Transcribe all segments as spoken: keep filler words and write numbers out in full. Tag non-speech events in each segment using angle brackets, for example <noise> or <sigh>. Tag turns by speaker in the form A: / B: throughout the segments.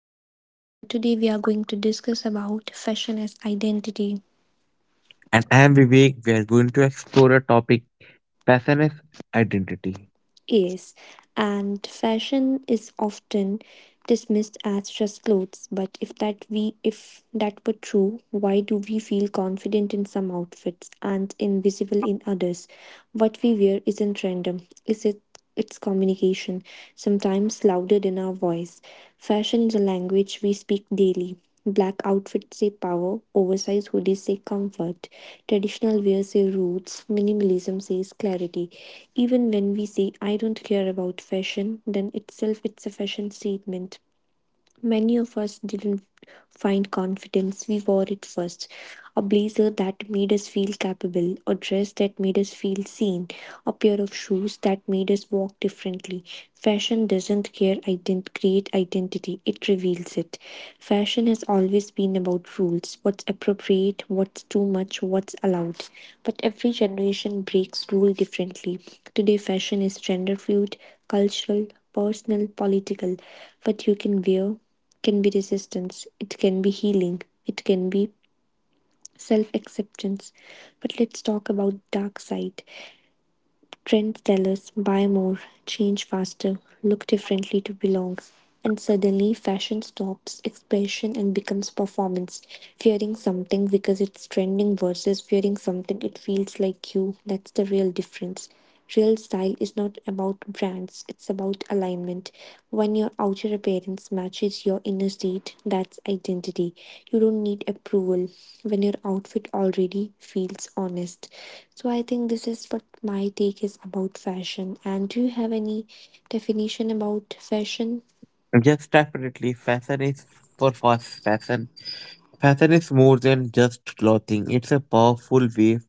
A: Ananya and today we are going to discuss about fashion as identity
B: And I am Vivek. We are going to explore a topic fashion is identity.
A: is. And fashion is often dismissed as just clothes, but if that we if that were true, why do we feel confident in some outfits and invisible in others? What we wear isn't random. Is it its communication, sometimes louder than our voice. Fashion is a language we speak daily. Black outfits say power, oversized hoodies say comfort, traditional wear say roots, minimalism says clarity. Even when we say I don't care about fashion, then itself it's a fashion statement. Many of us didn't find confidence, we wore it first. A blazer that made us feel capable, a dress that made us feel seen, a pair of shoes that made us walk differently. Fashion doesn't care ident- create identity, it reveals it. Fashion has always been about rules what's appropriate, what's too much, what's allowed. But every generation breaks rule differently. Today, fashion is gender fluid, cultural, personal, political. What you can wear can be resistance, it can be healing, it can be self acceptance. But let's talk about dark side. Trends tell us buy more, change faster, look differently to belong. And suddenly, fashion stops expression and becomes performance. Fearing something because it's trending versus fearing something it feels like you. That's the real difference. Real style is not about brands, it's about alignment. When your outer appearance matches your inner state, that's identity. You don't need approval when your outfit already feels honest. So I think this is what my take is about fashion. And do you have any definition about fashion?
B: Yes, definitely. Fashion is for fast fashion. Fashion is more than just clothing, it's a powerful way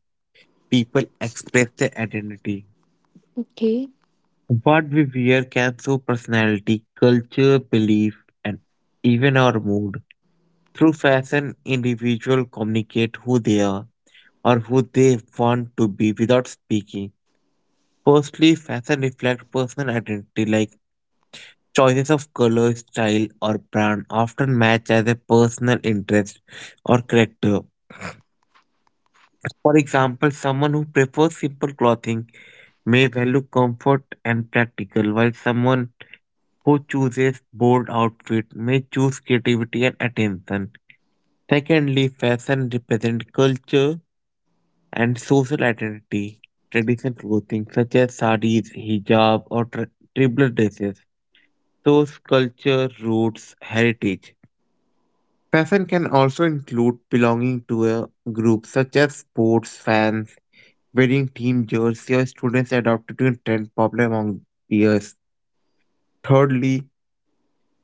B: people express their identity.
A: Okay.
B: What we wear can show personality, culture, belief, and even our mood. Through fashion, individuals communicate who they are or who they want to be without speaking. Firstly, fashion reflects personal identity like choices of color, style, or brand often match as a personal interest or character. For example, someone who prefers simple clothing may value comfort and practical, while someone who chooses bold outfit may choose creativity and attention. Secondly, fashion represents culture and social identity. Traditional clothing such as saris, hijab, or tra- tribal dresses shows culture, roots, heritage. Fashion can also include belonging to a group such as sports fans, wearing team jerseys, or students adopted to a trend popular among peers. Thirdly,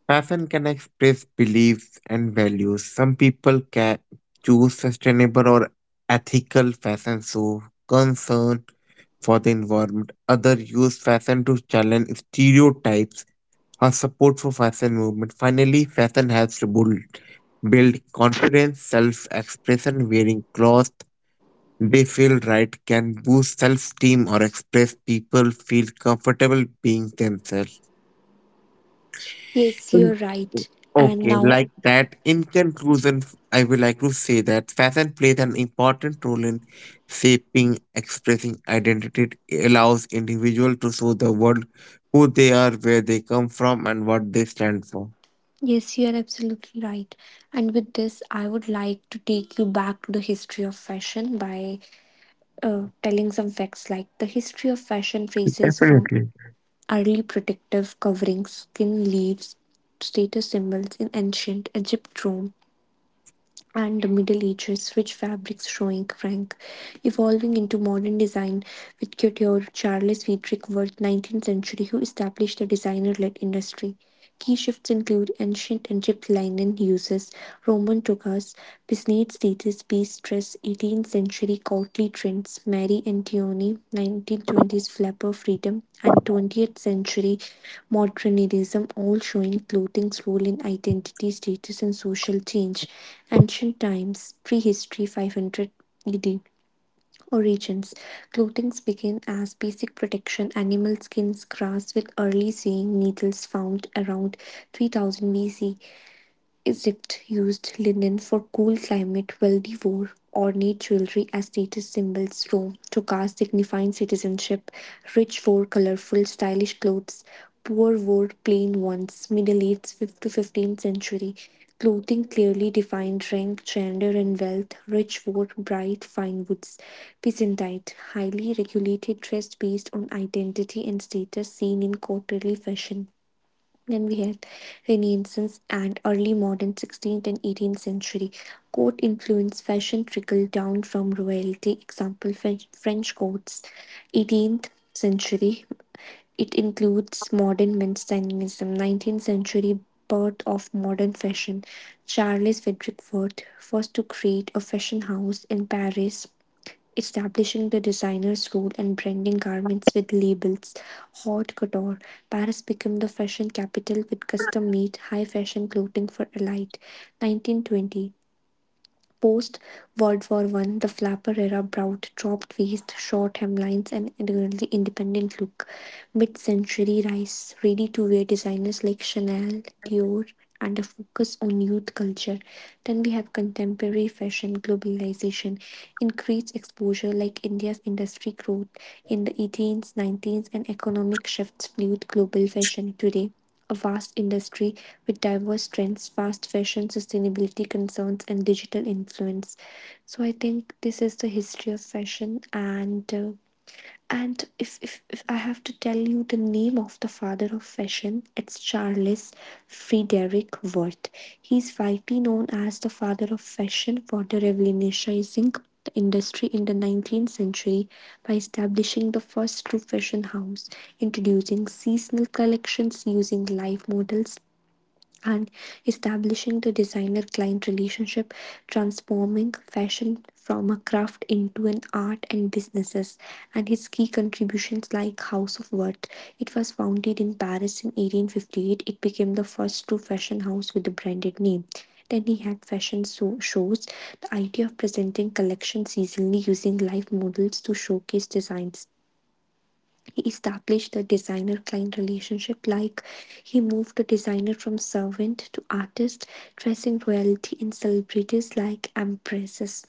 B: fashion can express beliefs and values. Some people can choose sustainable or ethical fashion so concern for the environment. Others use fashion to challenge stereotypes her support for fashion movement. Finally, fashion helps to build, build confidence, self-expression. Wearing clothes they feel right can boost self-esteem or express people feel comfortable being themselves.
A: Yes,
B: Mm.
A: you're right. And
B: Okay,
A: now,
B: like that. In conclusion, f- I would like to say that fashion plays an important role in shaping, expressing identity. It allows individual to show the world who they are, where they come from, and what they stand for.
A: yes, you're absolutely right. And with this, I would like to take you back to the history of fashion by telling some facts like the history of fashion traces from
B: Definitely.
A: early protective coverings, skin leaves, status symbols in ancient Egypt, Rome, and the Middle Ages, rich fabrics showing rank, evolving into modern design with couture Charles Friedrich Wirth, nineteenth century, who established a designer-led industry. Key shifts include ancient Egypt linen uses, Roman togas, business status, Mistress, eighteenth century courtly trends, Mary Antony, nineteenth twenties flapper freedom, and twentieth century modernism all showing clothing's role in identity, status and social change. Ancient times, prehistory five hundred A D. Origins. Clothing began as basic protection, animal skins, grass with early sewing needles found around three thousand B C. Egypt used linen for cool climate while they wore ornate jewelry as status symbols. Rome, took caste signifying citizenship. Rich wore colorful, stylish clothes. Poor wore plain ones. Middle aged fifth to fifteenth century. Clothing clearly defined rank, gender, and wealth. Rich wore bright fine woods. Byzantine, highly regulated dress based on identity and status seen in courtly fashion. Then we have Renaissance and early modern sixteenth and eighteenth century. Court influence fashion trickled down from royalty. Example French, French courts. eighteenth century. It includes modern men's stylism. nineteenth century birth of modern fashion. Charles Frederick Worth first to create a fashion house in Paris establishing the designer's role and branding garments with labels. Haute couture. Paris became the fashion capital with custom made high fashion clothing for elite. nineteen twenty. Post World War One, the flapper era brought dropped waist, short hemlines, and a really independent look. Mid-century rise ready-to-wear designers like Chanel, Dior, and a focus on youth culture. Then we have contemporary fashion globalization, increased exposure like India's industry growth in the eighteens, nineteens, and economic shifts fueled global fashion today a vast industry with diverse trends, fast fashion, sustainability concerns, and digital influence. So I think this is the history of fashion, and uh, and if, if, if I have to tell you the name of the father of fashion, it's Charles Frederick Worth. He's widely known as the father of fashion for the revolutionizing the industry in the nineteenth century by establishing the first true fashion house, introducing seasonal collections using live models and establishing the designer client relationship, transforming fashion from a craft into an art and businesses, and his key contributions like House of Worth. It was founded in Paris in eighteen fifty-eight. It became the first true fashion house with a branded name. Then he had fashion so- shows, the idea of presenting collections seasonally using live models to showcase designs. He established a designer client relationship, like he moved the designer from servant to artist, dressing royalty and celebrities like empresses.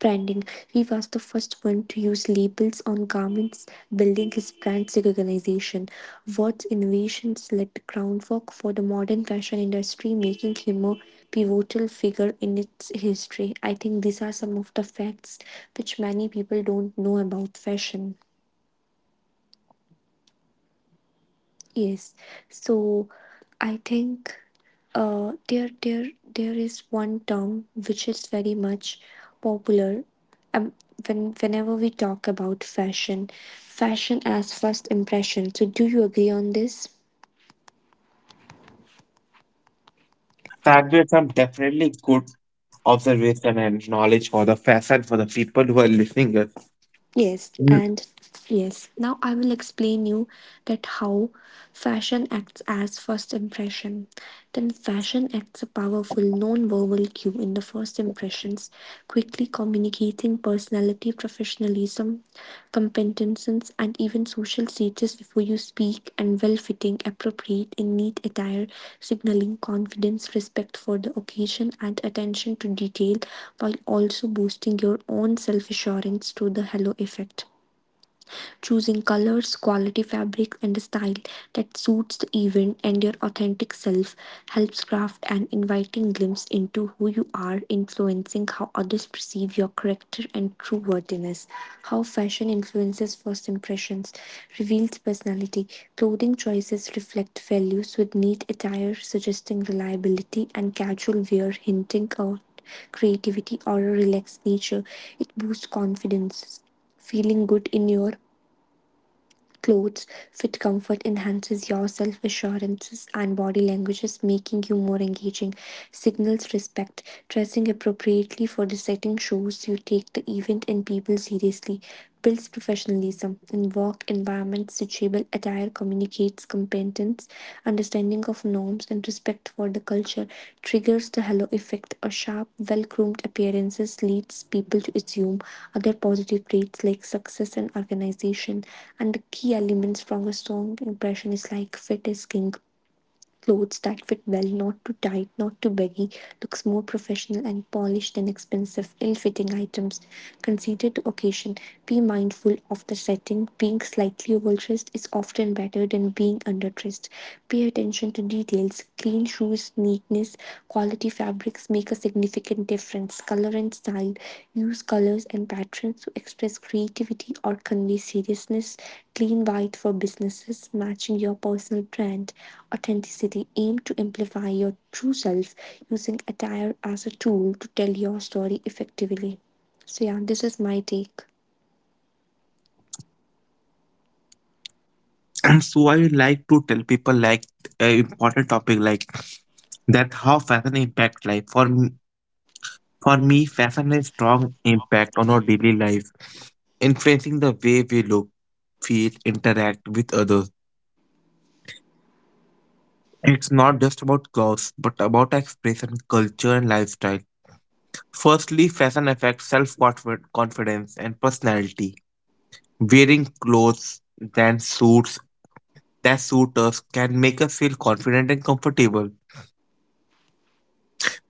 A: Branding. He was the first one to use labels on garments, building his brand's recognition. Watt's innovations laid the groundwork for the modern fashion industry, making him a pivotal figure in its history. I think these are some of the facts which many people don't know about fashion. Yes, so I think uh, there there there is one term which is very much popular, um, when whenever we talk about fashion, fashion as first impression. So do you agree on this?
B: Plagiarism definitely good observation and knowledge for the fashion for the people who are listening it.
A: Yes,
B: Mm,
A: and yes. Now I will explain you that how fashion acts as first impression. Then fashion acts a powerful non-verbal cue in the first impressions, quickly communicating personality, professionalism, competence, and even social status before you speak, and well fitting, appropriate, and neat attire signaling confidence, respect for the occasion, and attention to detail, while also boosting your own self assurance through the halo effect choosing colors, quality fabrics, and a style that suits the event and your authentic self helps craft an inviting glimpse into who you are, influencing how others perceive your character and true worthiness. How fashion influences first impressions reveals personality. Clothing choices reflect values with neat attire suggesting reliability and casual wear hinting at creativity or a relaxed nature. It boosts confidence, feeling good in your clothes fit comfort enhances your self assurances and body languages, making you more engaging. Signals respect. Dressing appropriately for the setting shows you take the event and people seriously. Builds professionalism. In work environments, suitable attire communicates indicates competence, understanding of norms, and respect for the culture, triggers the halo effect. A sharp, well groomed appearance leads people to assume other positive traits like success and organization. And the key elements from a strong impression is like fit is king. Clothes that fit well, not too tight, not too baggy, looks more professional and polished than expensive, ill fitting items. Consider the occasion. Be mindful of the setting. Being slightly overdressed is often better than being underdressed. Pay attention to details. Clean shoes, neatness, quality fabric fabrics make a significant difference. Color and style use colors and patterns to express creativity or convey seriousness. Clean white for businesses, matching your personal brand. Authenticity aim to amplify your true self using attire as a tool to tell your story effectively. So, yeah, this is my take.
B: <clears throat> And so I would like to tell people like a important topic like that how fashion impact life. For me, for me, fashion has strong impact on our daily life, influencing the way we look, feel, interact with others. It's not just about clothes, but about expression, culture, and lifestyle. Firstly, fashion affects self confidence and personality. Wearing clothes than suits that suit us can make us feel confident and comfortable.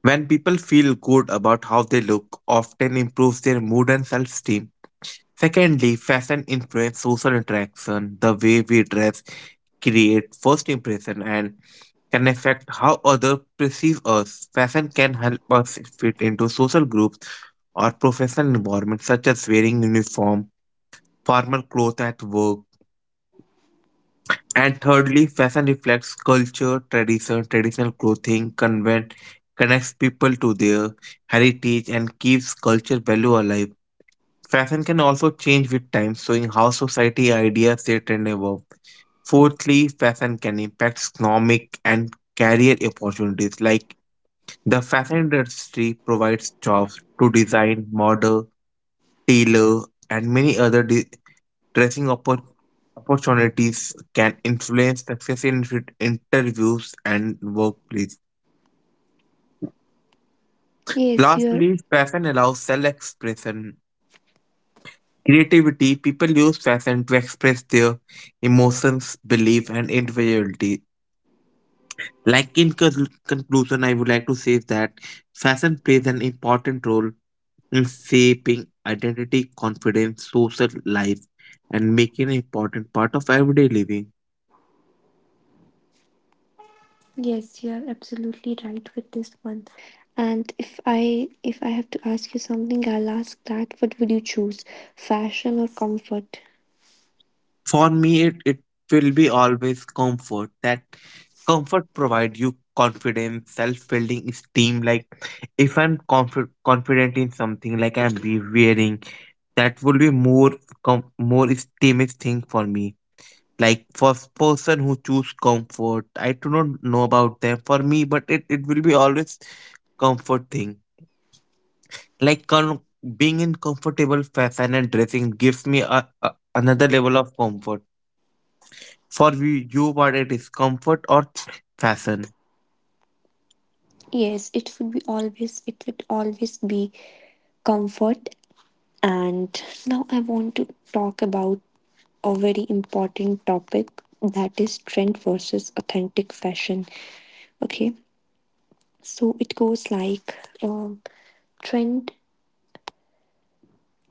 B: When people feel good about how they look, often improves their mood and self-esteem. Secondly, fashion influence social interaction. The way we dress create first impression and can affect how others perceive us. Fashion can help us fit into social groups or professional environments such as wearing uniform, formal clothes at work. And thirdly, fashion reflects culture, tradition, traditional clothing, convent, connects people to their heritage and keeps culture value alive. Fashion can also change with time, showing how society ideas they trend evolve. Fourthly, fashion can impact economic and career opportunities. Like the fashion industry provides jobs to design, model, tailor, and many other di- dressing oppor- opportunities can influence success in fit- interviews and workplace.
A: Yes, you're
B: Lastly, fashion allows self expression. Creativity people use fashion to express their emotions, belief, and individuality. Like in con- conclusion, I would like to say that fashion plays an important role in shaping identity, confidence, social life, and making an important part of everyday living.
A: Yes, you are absolutely right with this one. And if I if I have to ask you something, I'll ask that what would you choose? Fashion or comfort?
B: For me, it, it will be always comfort. That comfort provide you confidence, self-building esteem. Like if I'm conf- confident in something, like I'm be wearing, that would be more com- more esteem thing for me. Like for s- person who choose comfort, I do not know about them. For me, but it, it will be always comfort thing. Like con- Being in comfortable fashion and dressing gives me a, a, another level of comfort. For we, you were it is comfort or fashion.
A: Yes, it would be always it would always be comfort. And now I want to talk about a very important topic that is trend versus authentic fashion. Okay. So it goes like um trend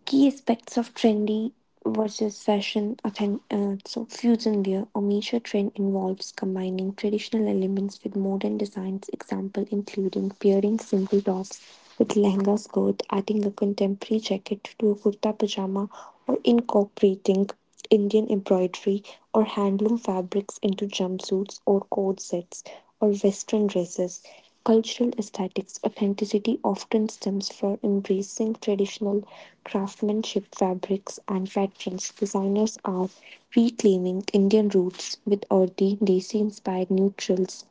A: key aspects of trendy versus fashion authen- uh, so fusion wear or major trend involves combining traditional elements with modern designs. Example including pairing simple tops with lehenga skirt, adding a contemporary jacket to a kurta pajama, or incorporating Indian embroidery or handloom fabrics into jumpsuits or coat sets or western dresses. Cultural aesthetics authenticity often stems from embracing traditional craftsmanship, fabrics, and patterns. Designers are reclaiming Indian roots with earthy, desi inspired neutrals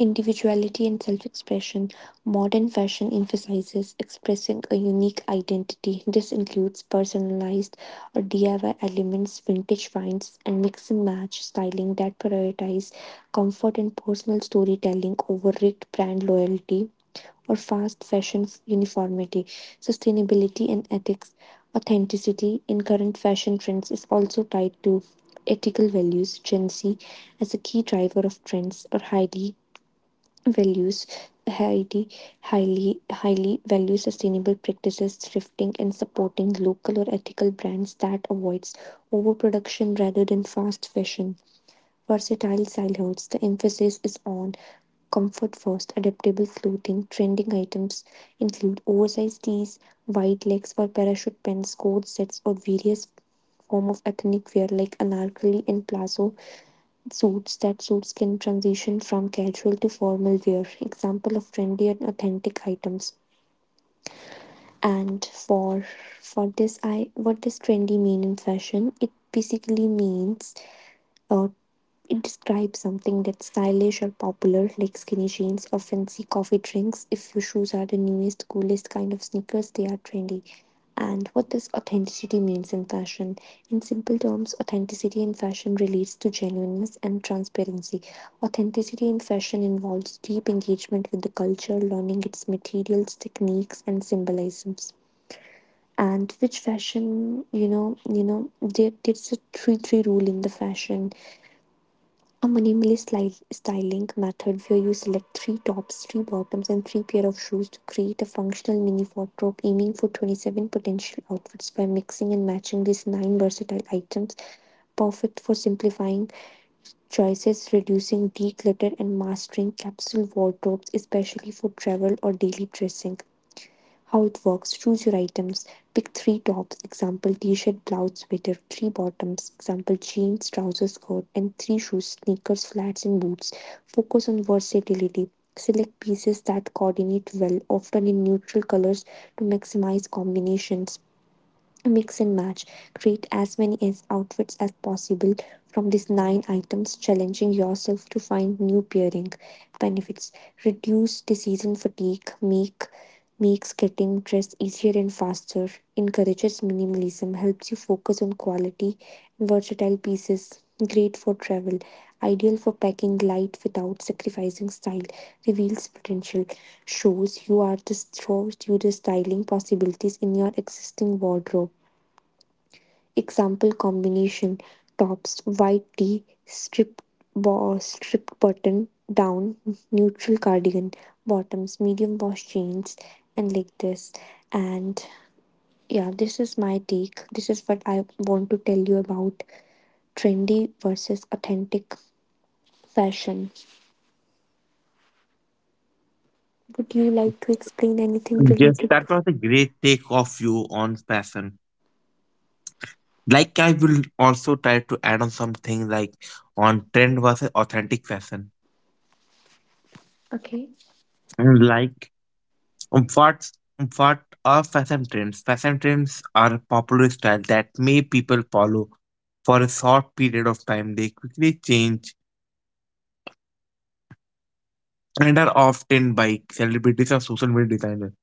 A: individuality and self expression. Modern fashion emphasizes expressing a unique identity. This includes personalized or D I Y elements, vintage finds, and mix and match styling that prioritize comfort and personal storytelling over rigged brand loyalty or fast fashion f- uniformity, sustainability and ethics, authenticity in current fashion trends is also tied to ethical values. Gen Z as a key driver of trends or highly values Haiti highly highly values sustainable practices, thrifting, and supporting local or ethical brands that avoids overproduction rather than fast fashion. Versatile silhouettes. The emphasis is on comfort first, adaptable clothing, trending items include oversized tees, wide legs or parachute pants, coat sets, or various form of ethnic wear like anarkali and plazo suits that suits can transition from casual to formal wear example of trendy and authentic items and for for this I what does trendy mean in fashion it basically means uh, it describes something that's stylish or popular, like skinny jeans or fancy coffee drinks. If your shoes are the newest, coolest kind of sneakers, they are trendy. And what does authenticity means in fashion? In simple terms, authenticity in fashion relates to genuineness and transparency. Authenticity in fashion involves deep engagement with the culture, learning its materials, techniques, and symbolisms. And which fashion you know you know there, there's a three three rule in the fashion, a minimalist sli- styling method where you select three tops, three bottoms, and three pair of shoes to create a functional mini wardrobe aiming for twenty-seven potential outfits by mixing and matching these nine versatile items, perfect for simplifying choices, reducing declutter, and mastering capsule wardrobes, especially for travel or daily dressing. How it works: choose your items, pick three tops, example t-shirt, blouse, sweater; three bottoms, example jeans, trousers, skirt; and three shoes, sneakers, flats, and boots. Focus on versatility. Select pieces that coordinate well, often in neutral colors, to maximize combinations. Mix and match. Create as many as outfits as possible from these nine items, challenging yourself to find new pairing. Benefits: reduce decision fatigue, make makes getting dressed easier and faster; encourages minimalism, helps you focus on quality and versatile pieces. Great for travel, ideal for packing light without sacrificing style. Reveals potential, shows you are the shows you the styling possibilities in your existing wardrobe. Example combination: tops, white tee, stripped bo- stripped button down, neutral cardigan; bottoms, medium wash jeans, and like this. And yeah, this is my take. This is what I want to tell you about trendy versus authentic fashion. Would you like to explain anything
B: Yes,
A: related
B: that
A: to?
B: was a great take of you on fashion. Like I will also try to add on something like on trend versus authentic fashion.
A: Okay.
B: And like um, what um, what are fashion trends? Fashion trends are a popular style that may people follow for a short period of time. They quickly change
A: I'm sorry. Can you please
B: and are
A: repeat?
B: often by celebrities or social media designers.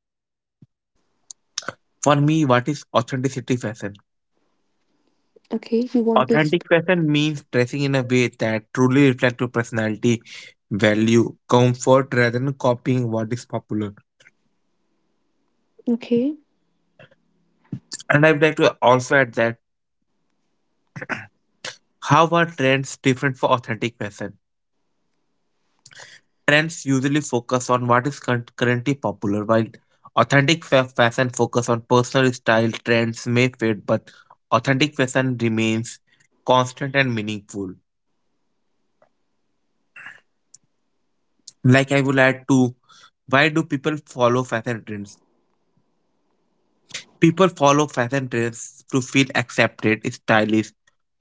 B: For me, what is authenticity fashion?
A: Okay, you want to
B: Authentic
A: explain?
B: fashion means dressing in a way that truly reflects your personality, value, comfort rather than copying what is popular.
A: Okay.
B: And I would like to also add that how are trends different for authentic fashion? Trends usually focus on what is cur- currently popular, while authentic fa- fashion focus on personal style. Trends may fade, but authentic fashion remains constant and meaningful. Like I will add to why do people follow fashion trends? People follow fashion trends to feel accepted, stylish,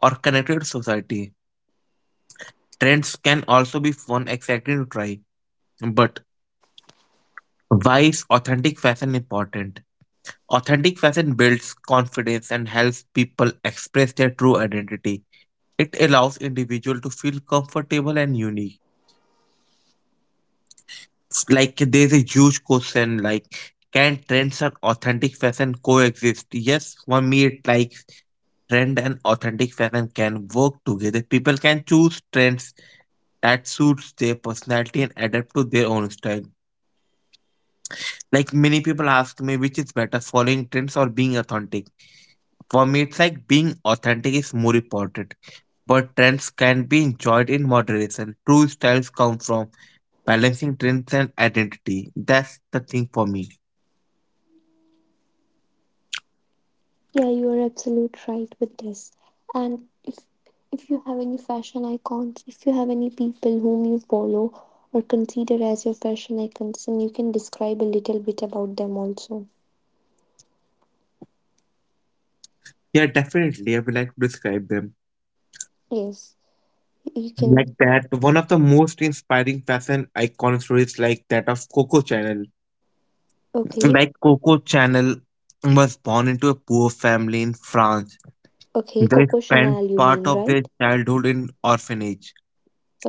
B: or connected to society. Trends can also be fun, exciting to try. But why is authentic fashion important? Authentic fashion builds confidence and helps people express their true identity. It allows individuals to feel comfortable and unique. It's like there's a huge question like, can trends and authentic fashion coexist? Yes, for me it like trend and authentic fashion can work together. People can choose trends that suits their personality and adapt to their own style. Like many people ask me, which is better, following trends or being authentic? For me it's like being authentic is more important, but trends can be enjoyed in moderation. True styles come from balancing trends and identity. That's the thing for me.
A: Yeah, you are absolute right with this. And if if you have any fashion icons, if you have any people whom you follow or consider as your fashion icons, and you can describe a little bit about them also.
B: Yeah, definitely. I would like to describe them
A: Yes, you can.
B: like that. One of the most inspiring fashion icon stories, like that of Coco Chanel.
A: Okay,
B: Like Coco Chanel was born into a poor family in France.
A: okay,
B: They
A: Coco
B: spent
A: Chanel, you
B: part
A: mean
B: of their
A: right?
B: childhood in orphanage.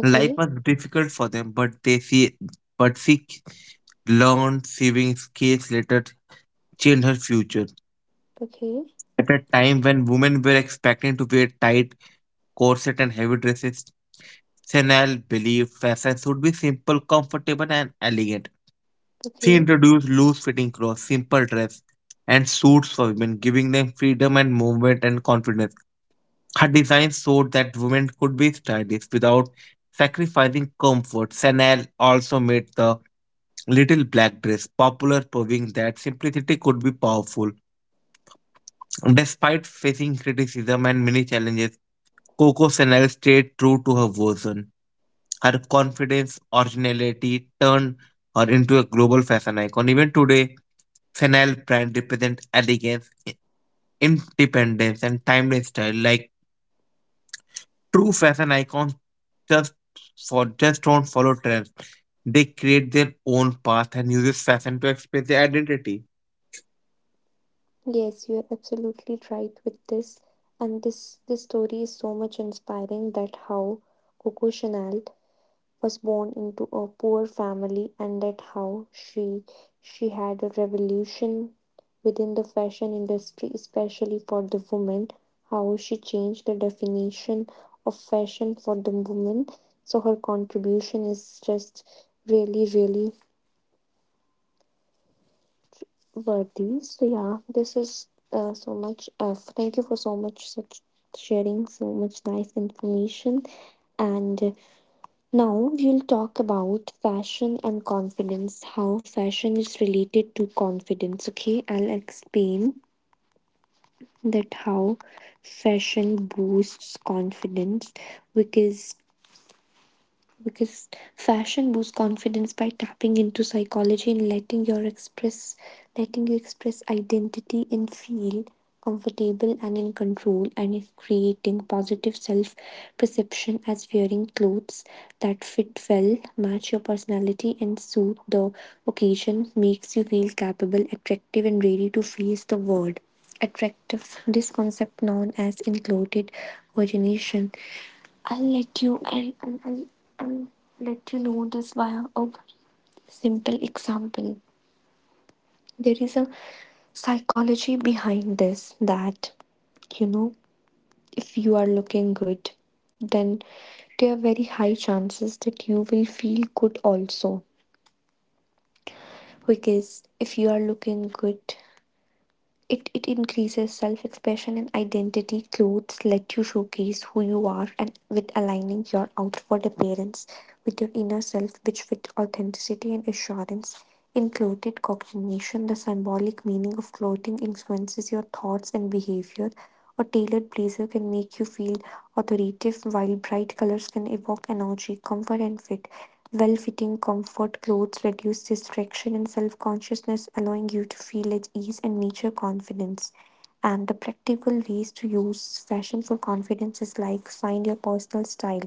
B: Life was difficult for them, but they see, but she learned sewing skills later changed her future.
A: okay,
B: At a time when women were expected to wear tight corset and heavy dresses, Chanel believed fashion should be simple, comfortable, and elegant. She
A: okay.
B: introduced loose fitting clothes, simple dress, and suits for women, giving them freedom and movement and confidence. Her designs showed that women could be stylish without sacrificing comfort. Chanel also made the little black dress popular, proving that simplicity could be powerful. Despite facing criticism and many challenges, Coco Chanel stayed true to her version. Her confidence, originality turned her into a global fashion icon. Even today, Chanel brand represents elegance, independence, and timeless style. Like true fashion icons, just for just don't follow trends. They create their own path and uses fashion to express their identity.
A: Yes, you are absolutely right with this. And this this story is so much inspiring, that how Coco Chanel was born into a poor family, and that how she she had a revolution within the fashion industry, especially for the women, how she changed the definition of fashion for the women. So her contribution is just really, really worthy. So yeah, this is uh, so much, uh, thank you for so much such sharing so much nice information. And now we'll talk about fashion and confidence, how fashion is related to confidence. Okay, I'll explain that how fashion boosts confidence, because because fashion boosts confidence by tapping into psychology and letting your express letting you express identity and feel comfortable and in control and in creating positive self perception, as wearing clothes that fit well, match your personality, and suit the occasion makes you feel capable, attractive, and ready to face the world. Attractive, this concept known as included origination. I'll let you and I'll, I'll, I'll let you know this via a simple example. There is a psychology behind this that, you know, if you are looking good, then there are very high chances that you will feel good also. Because if you are looking good, It, it increases self expression and identity. Clothes let you showcase who you are and with aligning your outward appearance with your inner self, which with authenticity and assurance. In clothed cognition, the symbolic meaning of clothing influences your thoughts and behavior. A tailored blazer can make you feel authoritative, while bright colors can evoke energy, comfort, and fit. Well fitting, comfort clothes reduce distraction and self consciousness, allowing you to feel at ease and meet your confidence. And the practical ways to use fashion for confidence is like find your personal style.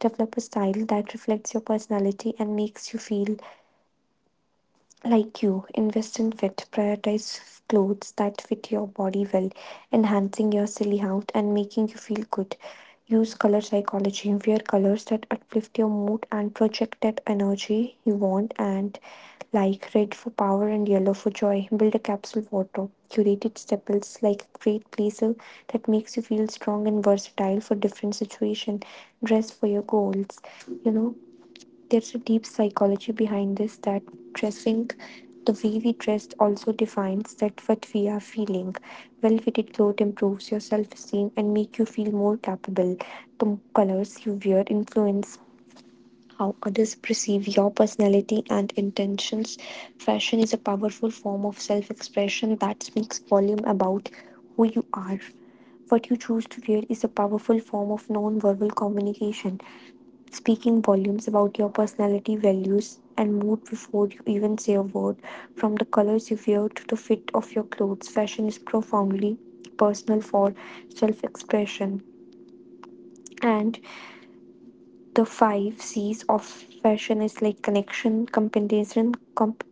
A: Develop a style that reflects your personality and makes you feel like you. Invest in fit, prioritize clothes that fit your body well, enhancing your silly out and making you feel good. Use color psychology, wear colors that uplift your mood and project that energy you want, and like red for power and yellow for joy. Build a capsule wardrobe. Curated staples like a great blazer that makes you feel strong and versatile for different situation. Dress for your goals. You know, there's a deep psychology behind this, that dressing the way we dressed also defines that what we are feeling. Well-fitted clothes improves your self-esteem and make you feel more capable. The colors you wear influence how others perceive your personality and intentions. Fashion is a powerful form of self-expression that speaks volume about who you are. What you choose to wear is a powerful form of non-verbal communication, speaking volumes about your personality, values, and mood before you even say a word. From the colors you wear to the fit of your clothes, fashion is profoundly personal for self expression. And the five C's of fashion is like connection, compensation, comp-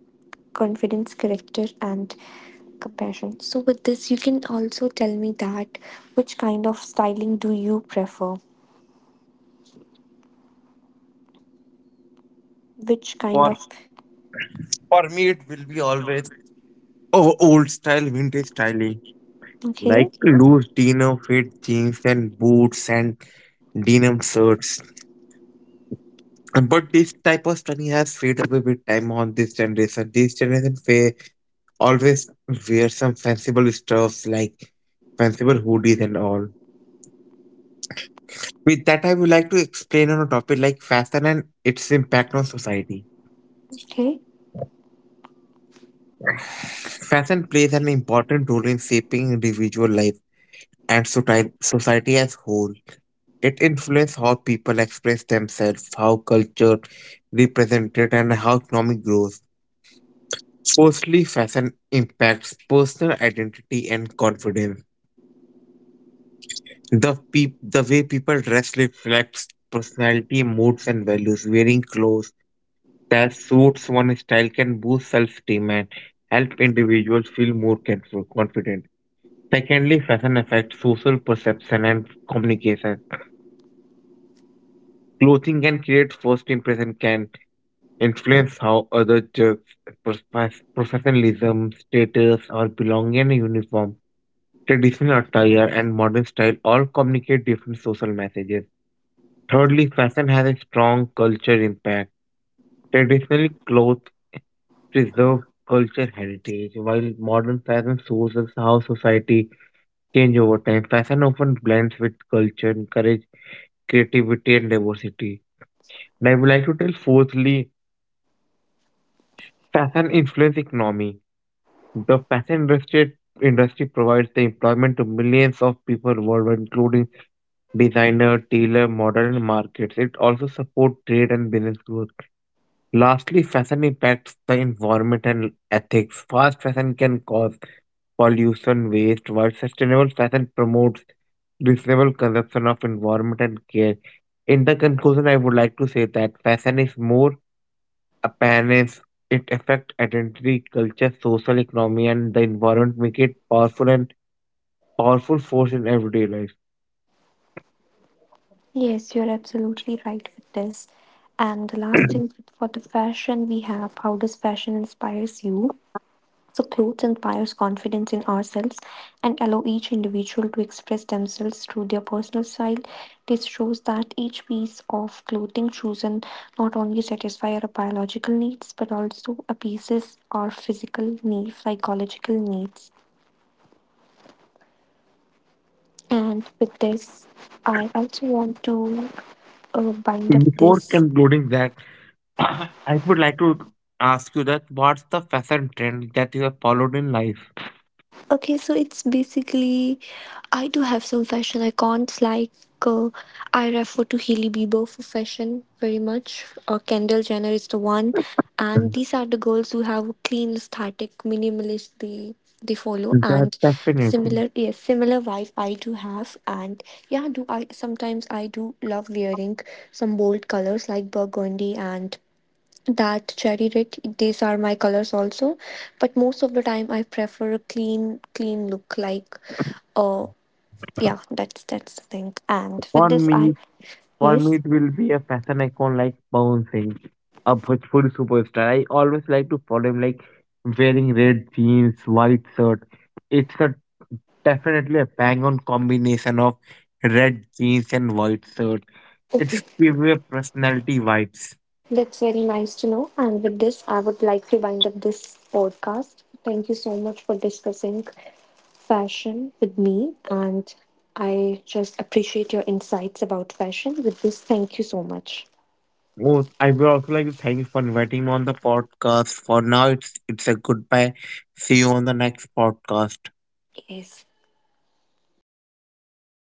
A: confidence, character, and compassion. So, with this, you can also tell me that which kind of styling do you prefer? Which kind
B: For
A: of?
B: for me, it will be always oh, old style, vintage styling, like
A: Okay,
B: loose denim fit jeans and boots and denim shirts. But this type of study has fade away with time on this generation. This generation fa- always wear some fanciful stuffs like fanciful hoodies and all. With that, I would like to explain on a topic like fashion and its impact on society.
A: okay.
B: Fashion plays an important role in shaping individual life and soci- society as whole. It influences how people express themselves, how culture represented, and how economic grows. Firstly, fashion impacts personal identity and confidence. The peop- the way people dress reflects personality, moods, and values. Wearing clothes that suits one's style can boost self-esteem and help individuals feel more careful- confident. Secondly, fashion affects social perception and communication. Clothing can create first impression, can influence how others judge pers- professionalism, status, or belonging in a uniform. Traditional attire and modern style all communicate different social messages. Thirdly, fashion has a strong culture impact. Traditionally, clothes preserve culture heritage, while modern fashion shows us how society change over time. Fashion often blends with culture, encourage creativity and diversity. And I would like to tell fourthly, fashion influence economy. The fashion industry industry provides the employment to millions of people worldwide, including designer, tailor, modern markets. It also supports trade and business growth. Lastly, fashion impacts the environment and ethics. Fast fashion can cause pollution, waste, while sustainable fashion promotes reasonable consumption of environment and care. In the conclusion, I would like to say that fashion is more appearance. It affects identity, culture, social economy, and the environment, make it powerful and powerful force in everyday life.
A: Yes, you're absolutely right with this. And the last thing for the fashion we have, how does fashion inspires you? So clothes inspires confidence in ourselves and allow each individual to express themselves through their personal style. This shows that each piece of clothing chosen not only satisfy our biological needs but also appeases our physical needs, psychological needs. And with this, I also want to uh, bind up
B: Before
A: this.
B: concluding that, I would like to ask you that what's the fashion trend that you have followed in life?
A: Okay, so it's basically, I do have some fashion icons like, uh, I refer to Hailey Bieber for fashion very much. Uh, Kendall Jenner is the one, and these are the girls who have a clean aesthetic, minimalist they they follow,
B: Yeah,
A: and
B: definitely.
A: similar, yes, similar vibe I do have. And yeah, do I sometimes I do love wearing some bold colors like burgundy and that cherry red, these are my colors also. But most of the time I prefer a clean clean look like, uh yeah, that's that's the thing, and
B: For
A: with this I,
B: me, for me,
A: yes,
B: it will be a fashion icon like Pawan Singh, a Bhojpuri superstar. I always like to follow him, like wearing red jeans, white shirt. It's a definitely a bang-on combination of red jeans and white shirt. It's give you a personality vibes.
A: that's very nice to know, and with this I would like to wind up this podcast. Thank you so much for discussing fashion with me, and I just appreciate your insights about fashion. With this, thank you so much.
B: Oh, I would also like to thank you for inviting me on the podcast. For now, it's it's a goodbye. See you on the next podcast.
A: Yes.